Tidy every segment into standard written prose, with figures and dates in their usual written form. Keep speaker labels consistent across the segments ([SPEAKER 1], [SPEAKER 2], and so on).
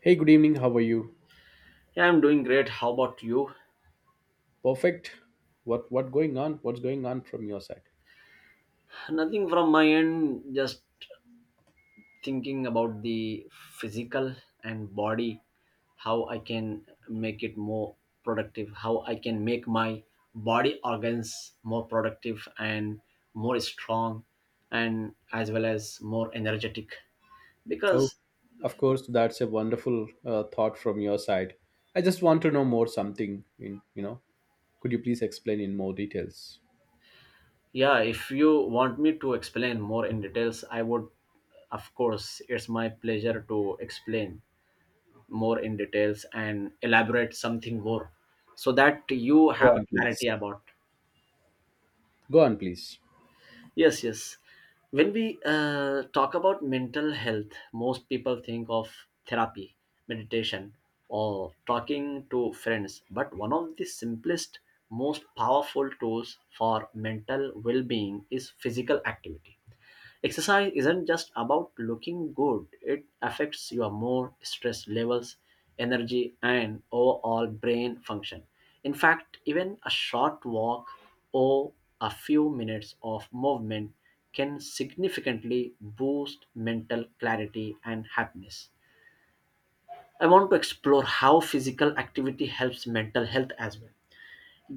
[SPEAKER 1] Hey, good evening. How are you?
[SPEAKER 2] Yeah, I'm doing great. How about you?
[SPEAKER 1] Perfect. What going on? What's going on from your side?
[SPEAKER 2] Nothing from my end, just thinking about the physical and body, how I can make it more productive, how I can make my body organs more productive and more strong and as well as more energetic.
[SPEAKER 1] Oh,
[SPEAKER 2] Because
[SPEAKER 1] of course. That's a wonderful thought from your side. I just want to know more something. Could you please explain in more details?
[SPEAKER 2] yeah, if you want me to explain more in details, I would of course, it's my pleasure to explain. More in details and elaborate something more so that you
[SPEAKER 1] Go
[SPEAKER 2] have a
[SPEAKER 1] on, please.
[SPEAKER 2] clarity about
[SPEAKER 1] Go on, please.
[SPEAKER 2] yes when we talk about mental health, most people think of therapy, meditation, or talking to friends, but one of the simplest, most powerful tools for mental well-being is physical activity. Exercise isn't just about looking good, it affects your mood, stress levels, energy, and overall brain function. In fact, even a short walk or a few minutes of movement can significantly boost mental clarity and happiness. I want to explore how physical activity helps mental health as well.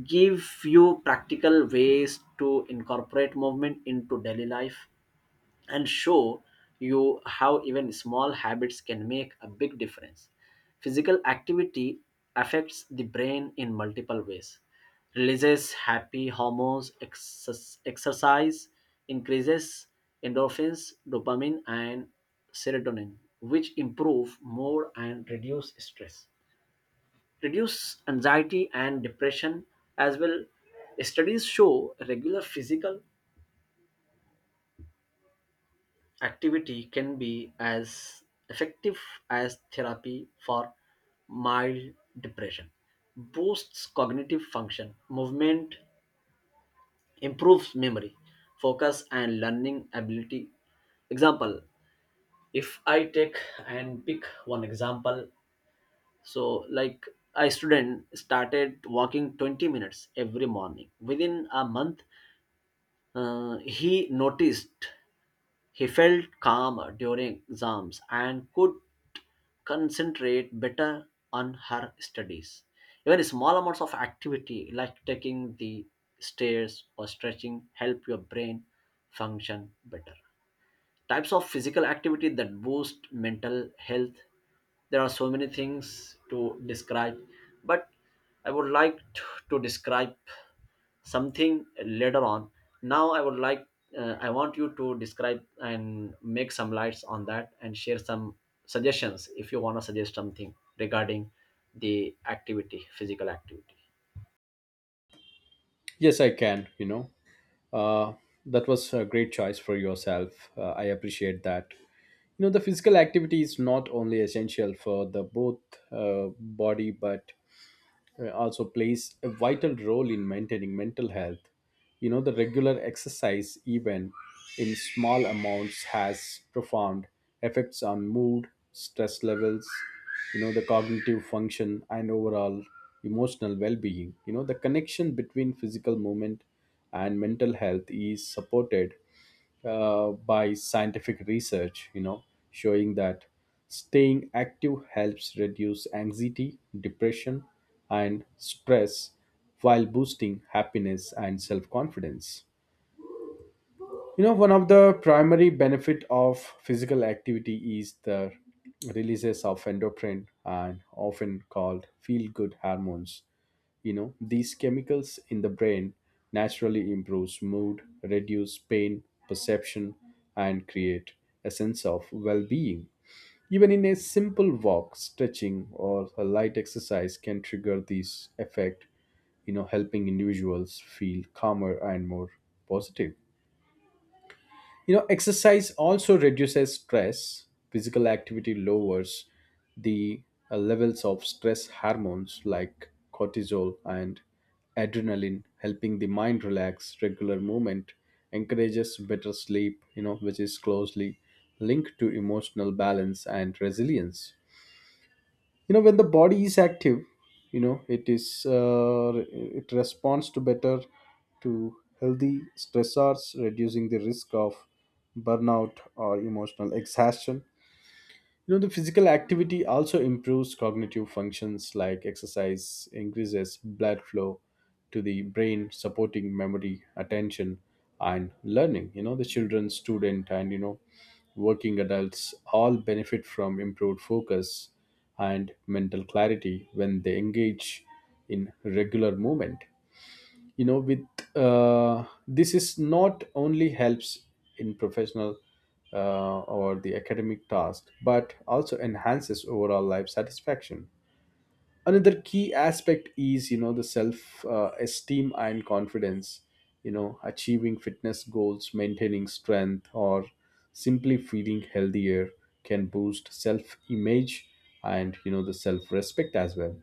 [SPEAKER 2] Give you practical ways to incorporate movement into daily life and show you how even small habits can make a big difference. Physical activity affects the brain in multiple ways. Releases happy hormones. Exercise increases endorphins, dopamine, and serotonin, which improve mood and reduce stress. Reduce anxiety and depression as well. Studies show regular physical activity can be as effective as therapy for mild depression. Boosts cognitive function. Movement improves memory, focus, and learning ability. Example: if I take and pick one example, so like a student started walking 20 minutes every morning. Within a month, he noticed he felt calmer during exams and could concentrate better on her studies. Even small amounts of activity like taking the stairs or stretching help your brain function better. Types of physical activity that boost mental health: there are so many things to describe, but I would like t- to describe something later on. Now I would like I want you to describe and make some lights on that and share some suggestions if you want to suggest something regarding the activity, physical activity.
[SPEAKER 1] Yes, I can. Uh, that was a great choice for yourself. I appreciate that. You know, the physical activity is not only essential for the both body but also plays a vital role in maintaining mental health. You know, the regular exercise, even in small amounts, has profound effects on mood, stress levels, you know, the cognitive function, and overall emotional well being. You know, the connection between physical movement and mental health is supported by scientific research, you know, showing that staying active helps reduce anxiety, depression, and stress while boosting happiness and self confidence. You know, one of the primary benefit of physical activity is the releases of endocrine and often called feel-good hormones. You know, these chemicals in the brain naturally improves mood, reduce pain, perception, and create a sense of well-being. Even in a simple walk, stretching, or a light exercise can trigger this effect, you know, helping individuals feel calmer and more positive. You know, exercise also reduces stress. Physical activity lowers the levels of stress hormones like cortisol and adrenaline, helping the mind relax. Regular movement encourages better sleep, you know, which is closely linked to emotional balance and resilience. You know, when the body is active, you know, it is it responds to better to healthy stressors, reducing the risk of burnout or emotional exhaustion. You know, the physical activity also improves cognitive functions like exercise, increases blood flow to the brain, supporting memory, attention, and learning. You know, the children, student, and you know, working adults all benefit from improved focus and mental clarity when they engage in regular movement. You know with This is not only helps in professional or the academic task but also enhances overall life satisfaction. Another key aspect is, you know, the self esteem and confidence. You know, achieving fitness goals, maintaining strength, or simply feeling healthier can boost self image and, you know, the self respect as well.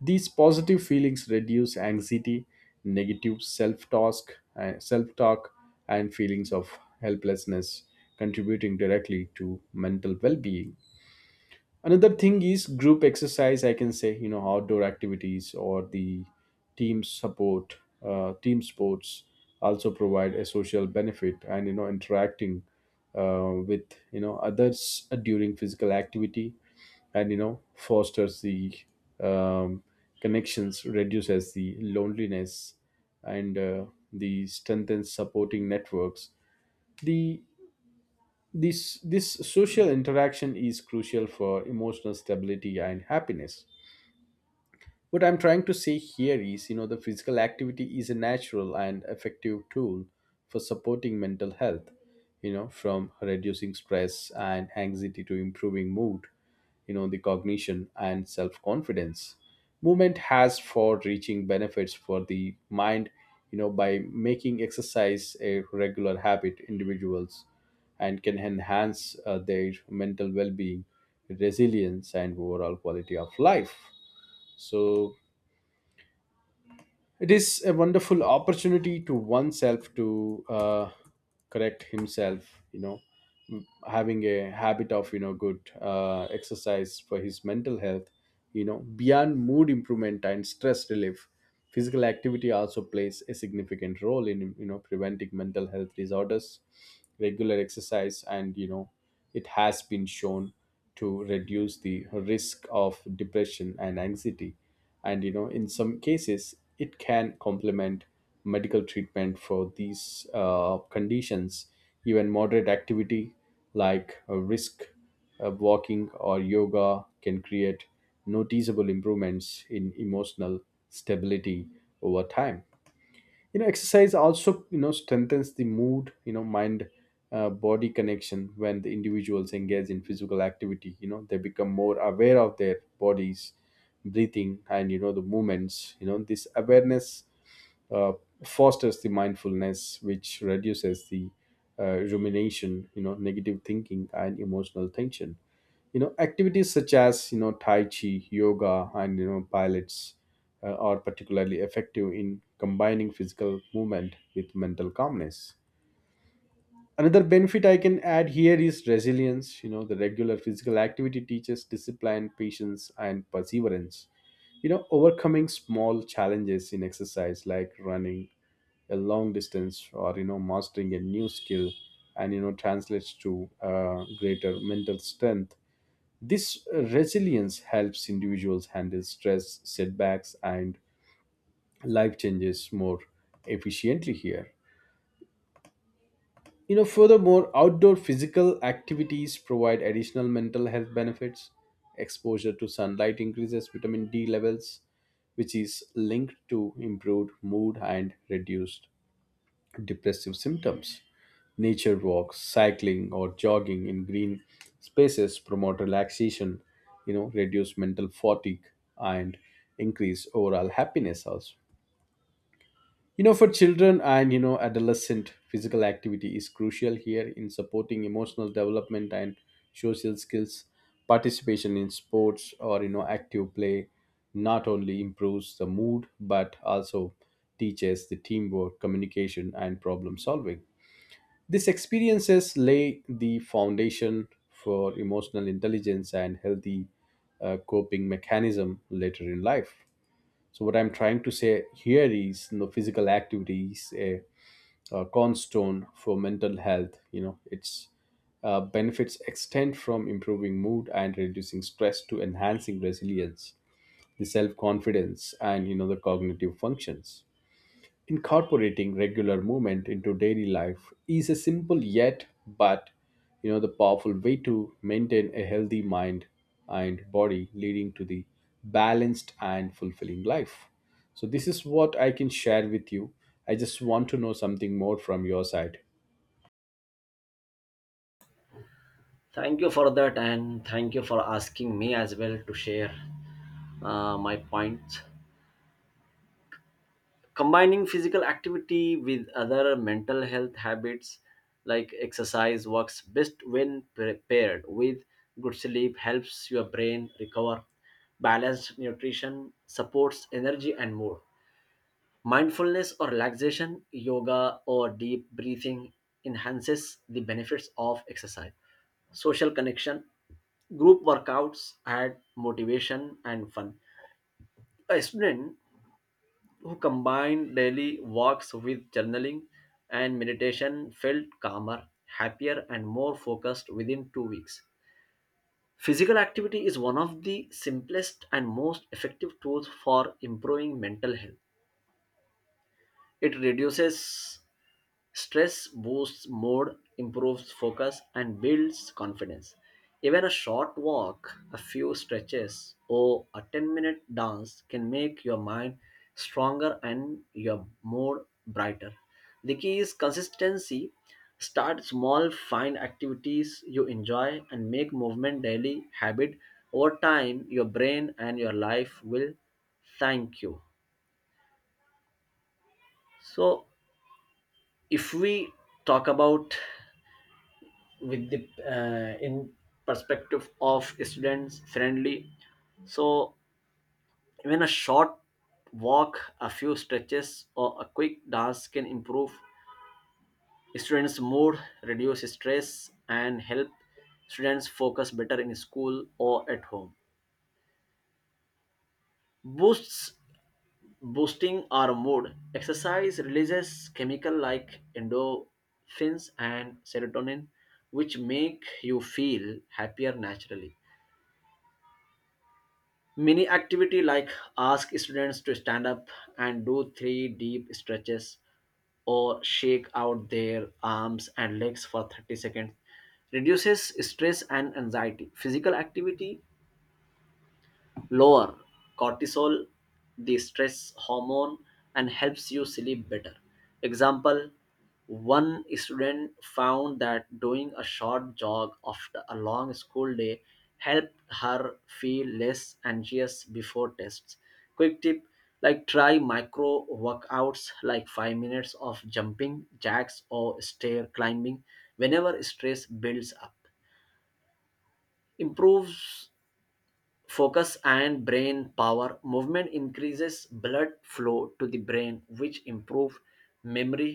[SPEAKER 1] These positive feelings reduce anxiety, negative self talk, and feelings of helplessness, contributing directly to mental well being. Another thing is group exercise, I can say, you know, outdoor activities or the team support team sports also provide a social benefit, and you know, interacting with, you know, others during physical activity, and you know, fosters the um, connections, reduces the loneliness, and the strengthens supporting networks. The this, this social interaction is crucial for emotional stability and happiness. What I'm trying to say here is, you know, the physical activity is a natural and effective tool for supporting mental health, you know, from reducing stress and anxiety to improving mood, you know, the cognition and self confidence. Movement has for reaching benefits for the mind, you know, by making exercise a regular habit, individuals and can enhance their mental well being, resilience, and overall quality of life. So, it is a wonderful opportunity to oneself to correct himself, you know, having a habit of, you know, good exercise for his mental health, you know, beyond mood improvement and stress relief. Physical activity also plays a significant role in, you know, preventing mental health disorders. Regular exercise and, you know, it has been shown to reduce the risk of depression and anxiety, and you know, in some cases it can complement medical treatment for these conditions. Even moderate activity like risk walking or yoga can create noticeable improvements in emotional stability over time. You know, exercise also, you know, strengthens the mood, you know, mind body connection. When the individuals engage in physical activity, you know, they become more aware of their bodies, breathing, and you know, the movements. You know, this awareness uh, fosters the mindfulness, which reduces the rumination, you know, negative thinking and emotional tension. You know, activities such as, you know, Tai Chi, yoga, and you know, Pilates are particularly effective in combining physical movement with mental calmness. Another benefit I can add here is resilience. You know, the regular physical activity teaches discipline, patience, and perseverance. You know, overcoming small challenges in exercise like running a long distance or, you know, mastering a new skill, and you know, translates to greater mental strength. This resilience helps individuals handle stress, setbacks, and life changes more efficiently here. You know, furthermore, outdoor physical activities provide additional mental health benefits. Exposure to sunlight increases vitamin D levels, which is linked to improved mood and reduced depressive symptoms. Nature walks, cycling, or jogging in green spaces promote relaxation, you know, reduce mental fatigue, and increase overall happiness also. You know, for children and you know, adolescent, physical activity is crucial here in supporting emotional development and social skills. Participation in sports or, you know, active play not only improves the mood but also teaches the teamwork, communication, and problem solving. These experiences lay the foundation for emotional intelligence and healthy coping mechanism later in life. So, what I'm trying to say here is, you know, physical activity is a cornerstone for mental health. You know, its benefits extend from improving mood and reducing stress to enhancing resilience, the self confidence, and you know, the cognitive functions. Incorporating regular movement into daily life is a simple yet but, you know, the powerful way to maintain a healthy mind and body, leading to the balanced and fulfilling life. So this is what I can share with you. I just want to know something more from your side.
[SPEAKER 2] Thank you for that, and thank you for asking me as well to share my points. Combining physical activity with other mental health habits, like exercise, works best when paired with good sleep helps your brain recover, balanced nutrition supports energy and mood, mindfulness or relaxation, yoga or deep breathing enhances the benefits of exercise, social connection, group workouts add motivation and fun. A student who combined daily walks with journaling and meditation felt calmer, happier, and more focused within 2 weeks. Physical activity is one of the simplest and most effective tools for improving mental health. It reduces stress, boosts mood, improves focus, and builds confidence. Even a short walk, a few stretches, or a 10-minute dance can make your mind stronger and your mood brighter. The key is consistency. Start small, find activities you enjoy, and make movement daily habit. Over time, your brain and your life will thank you. So, if we talk about with the in perspective of students friendly, so even a short walk, a few stretches, or a quick dance can improve students mood, reduce stress, and help students focus better in school or at home. Boosts boosting our mood. Exercise releases chemical like endorphins and serotonin, which make you feel happier naturally. Mini activity like ask students to stand up and do three deep stretches or shake out their arms and legs for 30 seconds reduces stress and anxiety. Physical activity lower cortisol, the stress hormone, and helps you sleep better. Example: one student found that doing a short jog after a long school day helped her feel less anxious before tests. Quick tip, like try micro workouts like 5 minutes of jumping jacks or stair climbing whenever stress builds up. Improves focus and brain power. Movement increases blood flow to the brain, which improve memory,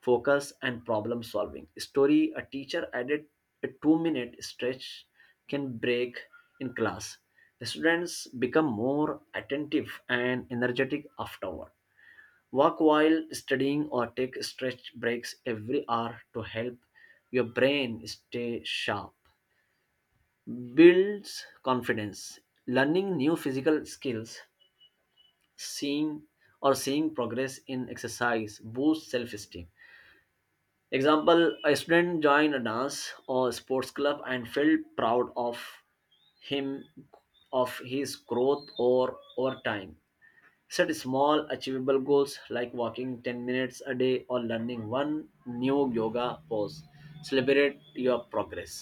[SPEAKER 2] focus, and problem solving. Story: a teacher added a 2-minute stretch can break in class, the students become more attentive and energetic afterward. Walk while studying or take stretch breaks every hour to help your brain stay sharp. Builds confidence. Learning new physical skills, seeing seeing progress in exercise boosts self-esteem. Example: a student joined a dance or sports club and felt proud of him, of his growth or over time. Set small achievable goals like walking 10 minutes a day or learning one new yoga pose. Celebrate your progress.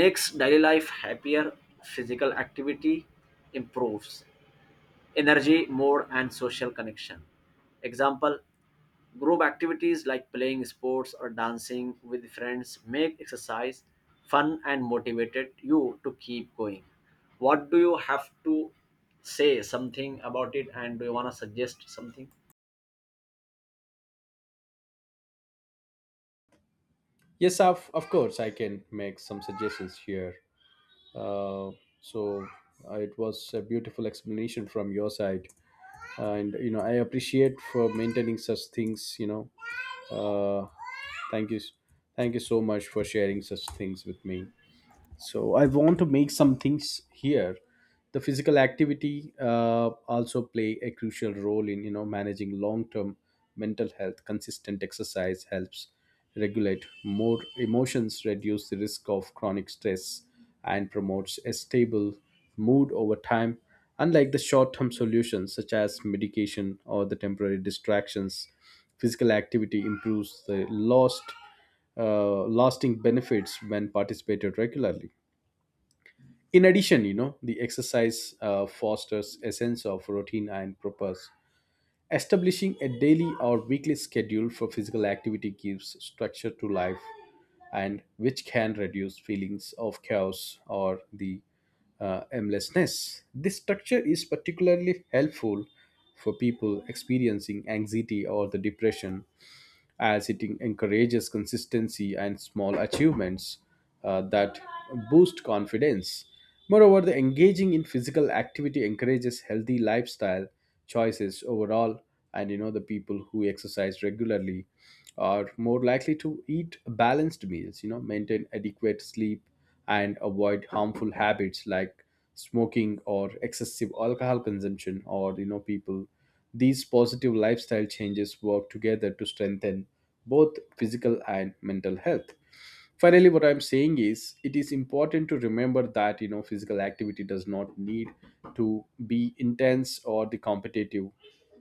[SPEAKER 2] Makes daily life happier. Physical activity improves energy, more, and social connection. Example: group activities like playing sports or dancing with friends make exercise fun and motivated you to keep going. What do you have to say something about it, and do you want to suggest something?
[SPEAKER 1] Yes, of course I can make some suggestions here. Uh, so it was a beautiful explanation from your side, and you know, I appreciate for maintaining such things. Uh, Thank you, thank you so much for sharing such things with me. So I want to make some things here. The physical activity also play a crucial role in, you know, managing long term mental health. Consistent exercise helps regulate more emotions, reduce the risk of chronic stress, and promotes a stable mood over time. Unlike the short term solutions such as medication or the temporary distractions, physical activity improves the lost lasting benefits when participated regularly. In addition, you know, the exercise fosters a sense of routine and purpose. Establishing a daily or weekly schedule for physical activity gives structure to life, and which can reduce feelings of chaos or the aimlessness. This structure is particularly helpful for people experiencing anxiety or the depression, as it encourages consistency and small achievements that boost confidence. Moreover, the engaging in physical activity encourages healthy lifestyle choices overall, and you know, the people who exercise regularly are more likely to eat balanced meals, you know, maintain adequate sleep, and avoid harmful habits like smoking or excessive alcohol consumption, or you know, people. These positive lifestyle changes work together to strengthen both physical and mental health. Finally, what I'm saying is, it is important to remember that, you know, physical activity does not need to be intense or the competitive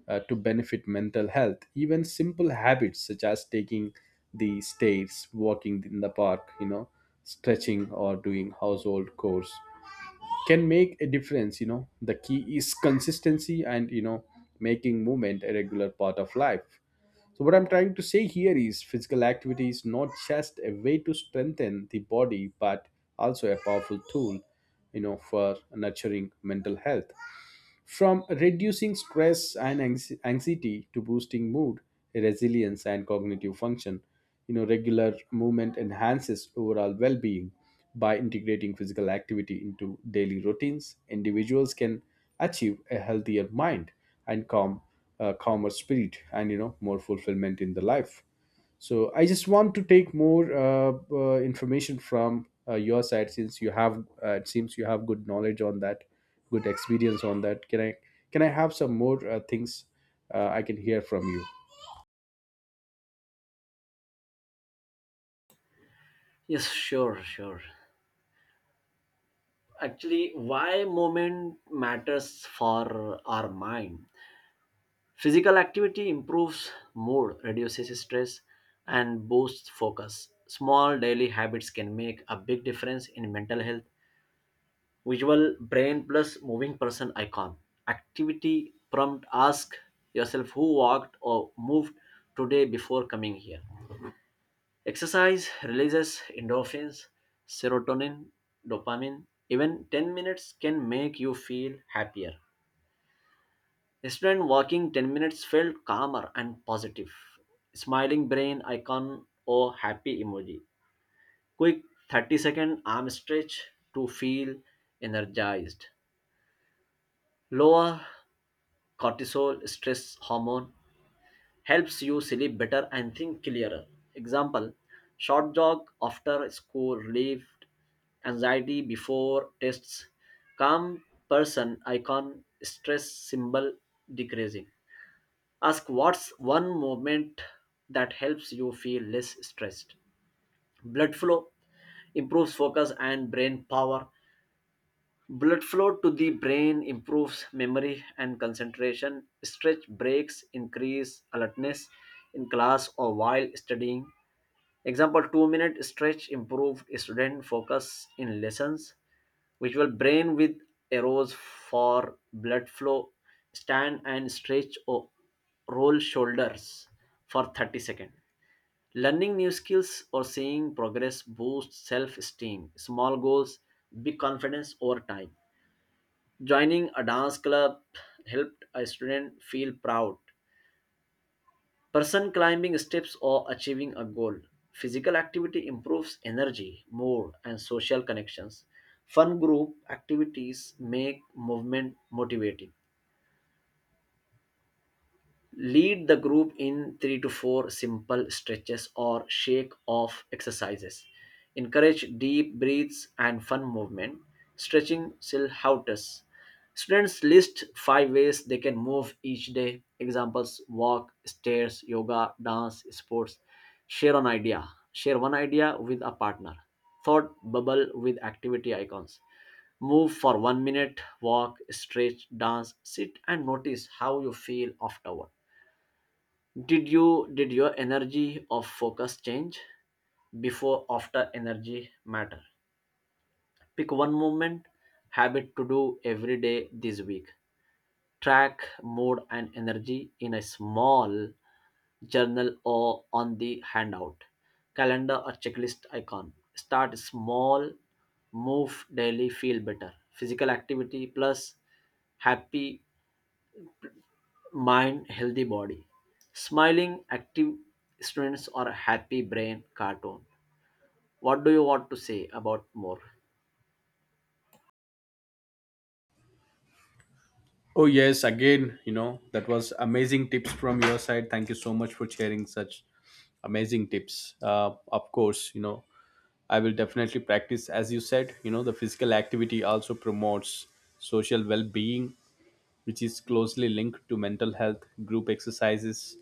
[SPEAKER 1] to benefit mental health. Even simple habits such as taking the stairs, walking in the park, you know, stretching or doing household chores can make a difference. You know, the key is consistency and, you know, making movement a regular part of life. So, what I'm trying to say here is physical activity is not just a way to strengthen the body, but also a powerful tool, you know, for nurturing mental health. From reducing stress and anxiety to boosting mood, resilience, and cognitive function, you know, regular movement enhances overall well-being. By integrating physical activity into daily routines, individuals can achieve a healthier mind and calmer spirit, and you know, more fulfillment in the life. So I just want to take more information from your side, since you have it seems you have good knowledge on that, good experience on that. Can I have some more things I can hear from you?
[SPEAKER 2] Yes, sure, sure. Actually, why movement matters for our mind. Physical activity improves mood, reduces stress, and boosts focus. Small daily habits can make a big difference in mental health. Visual brain plus moving person icon. Activity prompt: ask yourself who walked or moved today before coming here. Exercise releases endorphins, serotonin, dopamine. Even 10 minutes can make you feel happier. Yesterday, walking 10 minutes felt calmer and positive. Smiling brain icon or happy emoji. Quick 30-second arm stretch to feel energized. Lower cortisol stress hormone helps you sleep better and think clearer. Example: short jog after school relieved anxiety before tests. Calm person icon, stress symbol decreasing. Ask what's one movement that helps you feel less stressed. Blood flow improves focus and brain power. Blood flow to the brain improves memory and concentration. Stretch breaks increase alertness in class or while studying. Example: 2-minute stretch improved student focus in lessons. Visual brain with arrows for blood flow. Stand and stretch or roll shoulders for 30 seconds. Learning new skills or seeing progress boosts self-esteem. Small goals, big confidence over time. Joining a dance club helped a student feel proud. Person climbing steps or achieving a goal. Physical activity improves energy, mood, and social connections. Fun group activities make movement motivating. Lead the group in 3 to 4 simple stretches or shake off exercises. Encourage deep breaths and fun movement. Stretching still helps. Students list five ways they can move each day. Examples: walk, stairs, yoga, dance, sports. Share an idea. Share one idea with a partner. Thought bubble with activity icons. Move for 1 minute, walk, stretch, dance, sit, and notice how you feel afterward. Did your energy or focus change before after energy matter? Pick one movement habit to do every day this week. Track mood and energy in a small journal or on the handout, calendar or checklist icon. Start small, move daily, feel better. Physical activity plus happy mind, healthy body. Smiling, active students or happy brain cartoon. What do you want to say about more?
[SPEAKER 1] Oh yes, again, you know, that was amazing tips from your side. Thank you so much for sharing such amazing tips. Of course, you know, I will definitely practice as you said. You know, the physical activity also promotes social well-being, which is closely linked to mental health. Group exercises,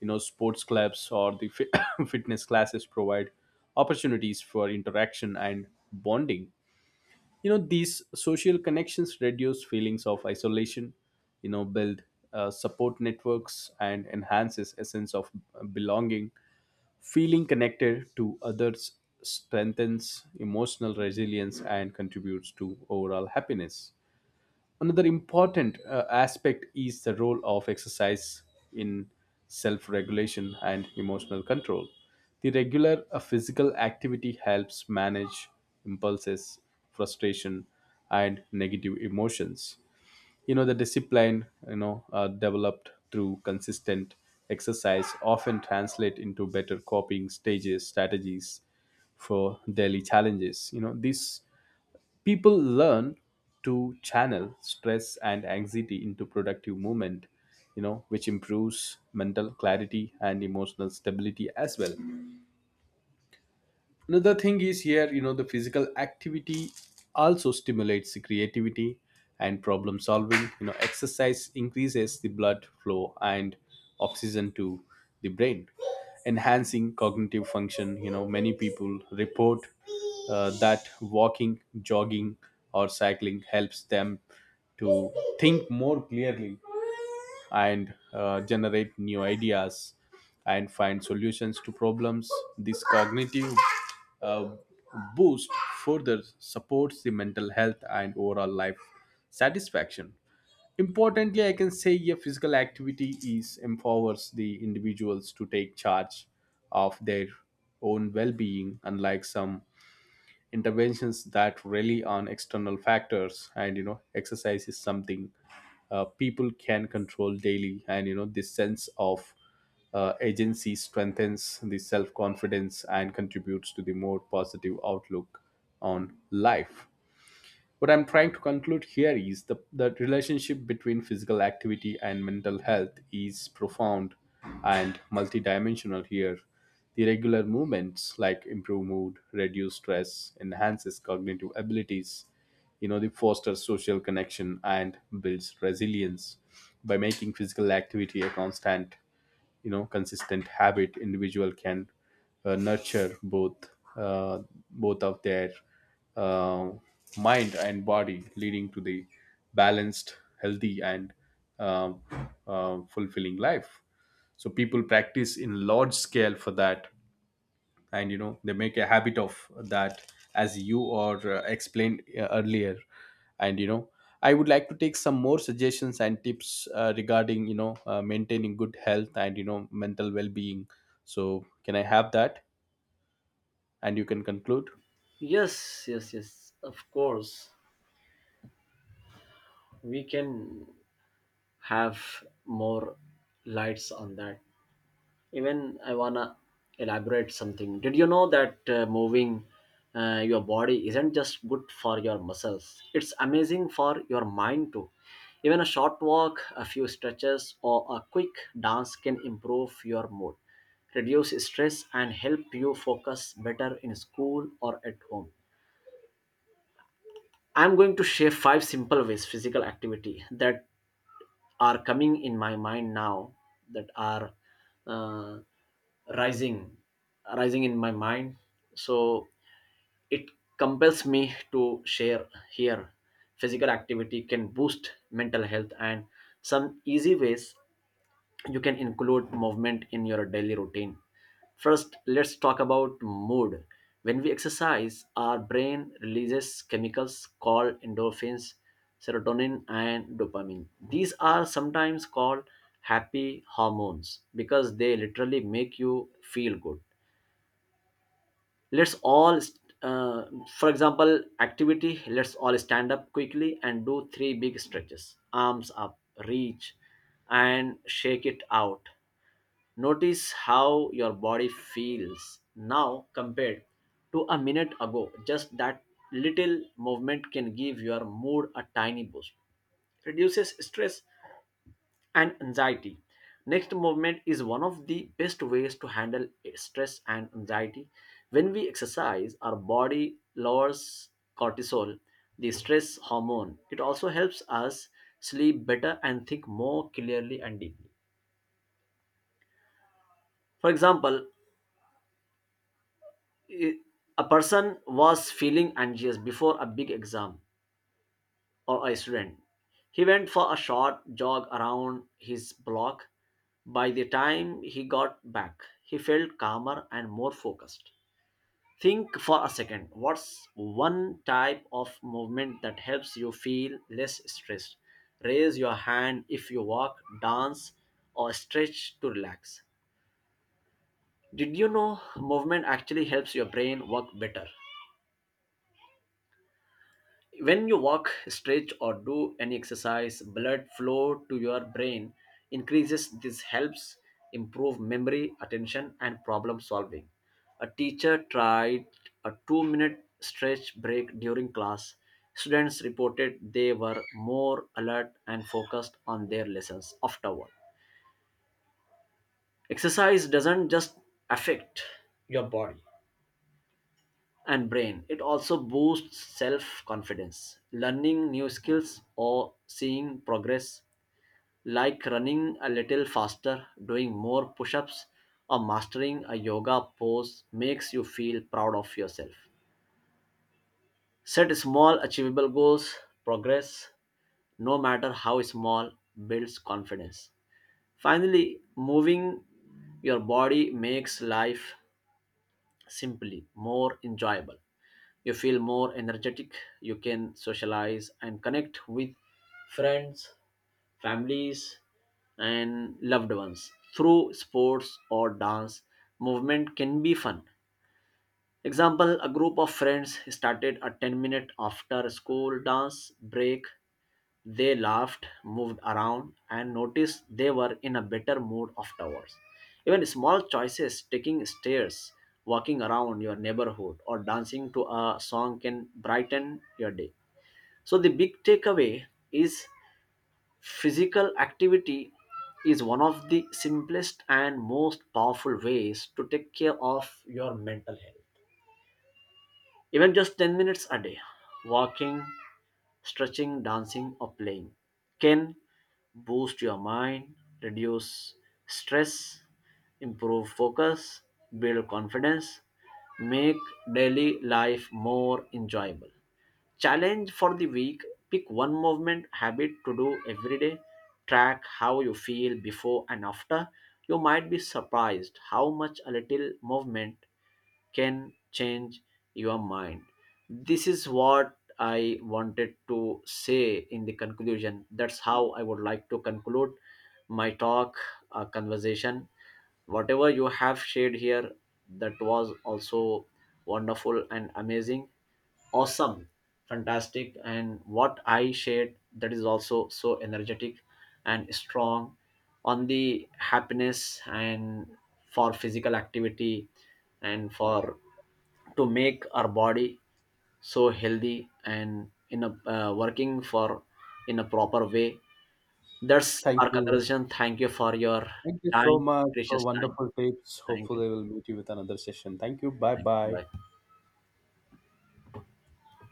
[SPEAKER 1] you know, sports clubs or the fitness classes provide opportunities for interaction and bonding. You know, these social connections reduce feelings of isolation, you know, build support networks, and enhances a sense of belonging. Feeling connected to others strengthens emotional resilience and contributes to overall happiness. Another important aspect is the role of exercise in self regulation and emotional control. The regular physical activity helps manage impulses, frustration, and negative emotions. You know, the discipline, developed through consistent exercise often translate into better strategies for daily challenges. You know, this people learn to channel stress and anxiety into productive movement, you know, which improves mental clarity and emotional stability as well. Another thing is here, you know, the physical activity also stimulates the creativity and problem solving. You know, exercise increases the blood flow and oxygen to the brain, enhancing cognitive function. You know, many people report that walking, jogging, or cycling helps them to think more clearly and generate new ideas and find solutions to problems. This cognitive uh, boost further supports the mental health and overall life satisfaction. Importantly, I can say a physical activity is empowers the individuals to take charge of their own well-being. Unlike some interventions that rely on external factors, and you know, exercise is something people can control daily, and you know, this sense of agency strengthens the self confidence and contributes to the more positive outlook on life. What I'm trying to conclude here is the relationship between physical activity and mental health is profound and multidimensional here. The regular movements like improve mood, reduce stress, enhances cognitive abilities, you know, they foster social connection and builds resilience. By making physical activity a constant you know consistent habit, individual can nurture uh, both of their uh, mind and body, leading to the balanced, healthy, and um, fulfilling life. So people practice in large scale for that, and you know, they make a habit of that, as you or explained earlier. And you know, I would like to take some more suggestions and tips regarding, you know, maintaining good health and, you know, mental well-being. So can I have that, and you can conclude.
[SPEAKER 2] Yes, yes, yes. Of course, we can have more lights on that. Even I wanna elaborate something. Did you know that moving your body isn't just good for your muscles? It's amazing for your mind too. Even a short walk, a few stretches, or a quick dance can improve your mood, reduce stress, and help you focus better in school or at home. I'm going to share five simple ways physical activity that are coming in my mind now, that are uh, rising rising in my mind, so it compels me to share here physical activity can boost mental health and some easy ways you can include movement in your daily routine. First, let's talk about mood. When we exercise, our brain releases chemicals called endorphins, serotonin, and dopamine. These are sometimes called happy hormones because they literally make you feel good. Let's all uh, for example activity, let's all stand up quickly and do three big stretches, arms up, reach, and shake it out. Notice how your body feels now compared to a minute ago. Just that little movement can give your mood a tiny boost. Reduces stress and anxiety. Next, movement is one of the best ways to handle stress and anxiety. When we exercise, our body lowers cortisol, the stress hormone. It also helps us sleep better and think more clearly and deeply. For example, i- a person was feeling anxious before a big exam. Or Iceland. He went for a short jog around his block. By the time he got back, he felt calmer and more focused. Think for a second, what's one type of movement that helps you feel less stressed? Raise your hand if you walk, dance, or stretch to relax. Did you know movement actually helps your brain work better? When you walk, stretch, or do any exercise, blood flow to your brain increases. This helps improve memory, attention, and problem solving. A teacher tried a 2-minute stretch break during class. Students reported they were more alert and focused on their lessons afterward. Exercise doesn't just affect your body and brain. It also boosts self confidence. Learning new skills or seeing progress, like running a little faster, doing more push ups, or mastering a yoga pose, makes you feel proud of yourself. Set small, achievable goals. Progress, no matter how small, builds confidence. Finally, moving your body makes life simply more enjoyable. You feel more energetic, you can socialize and connect with friends, families, and loved ones through sports or dance. Movement can be fun. Example: a group of friends started a 10 minute after school dance break. They laughed, moved around, and noticed they were in a better mood afterwards. Even small choices, taking stairs, walking around your neighborhood, or dancing to a song can brighten your day. So, the big takeaway is physical activity is one of the simplest and most powerful ways to take care of your mental health. Even just 10 minutes a day, walking, stretching, dancing, or playing can boost your mind, reduce stress, improve focus, build confidence, make daily life more enjoyable. Challenge for the week: pick one movement habit to do every day, track how you feel before and after. You might be surprised how much a little movement can change your mind. This is what I wanted to say in the conclusion. That's how I would like to conclude my talk, conversation. Whatever you have shared here, that was also wonderful and amazing, awesome, fantastic. And what I shared, that is also so energetic and strong on the happiness and for physical activity and for to make our body so healthy and in a working for in a proper way, that's
[SPEAKER 1] Thank
[SPEAKER 2] our
[SPEAKER 1] you.
[SPEAKER 2] conversation. Thank you for your
[SPEAKER 1] Thank you so
[SPEAKER 2] time,
[SPEAKER 1] much for
[SPEAKER 2] precious time.
[SPEAKER 1] wonderful tips.
[SPEAKER 2] Thank you.
[SPEAKER 1] Hopefully we'll meet you with another session. Thank you. Bye
[SPEAKER 2] Thank you,
[SPEAKER 1] bye.
[SPEAKER 2] bye.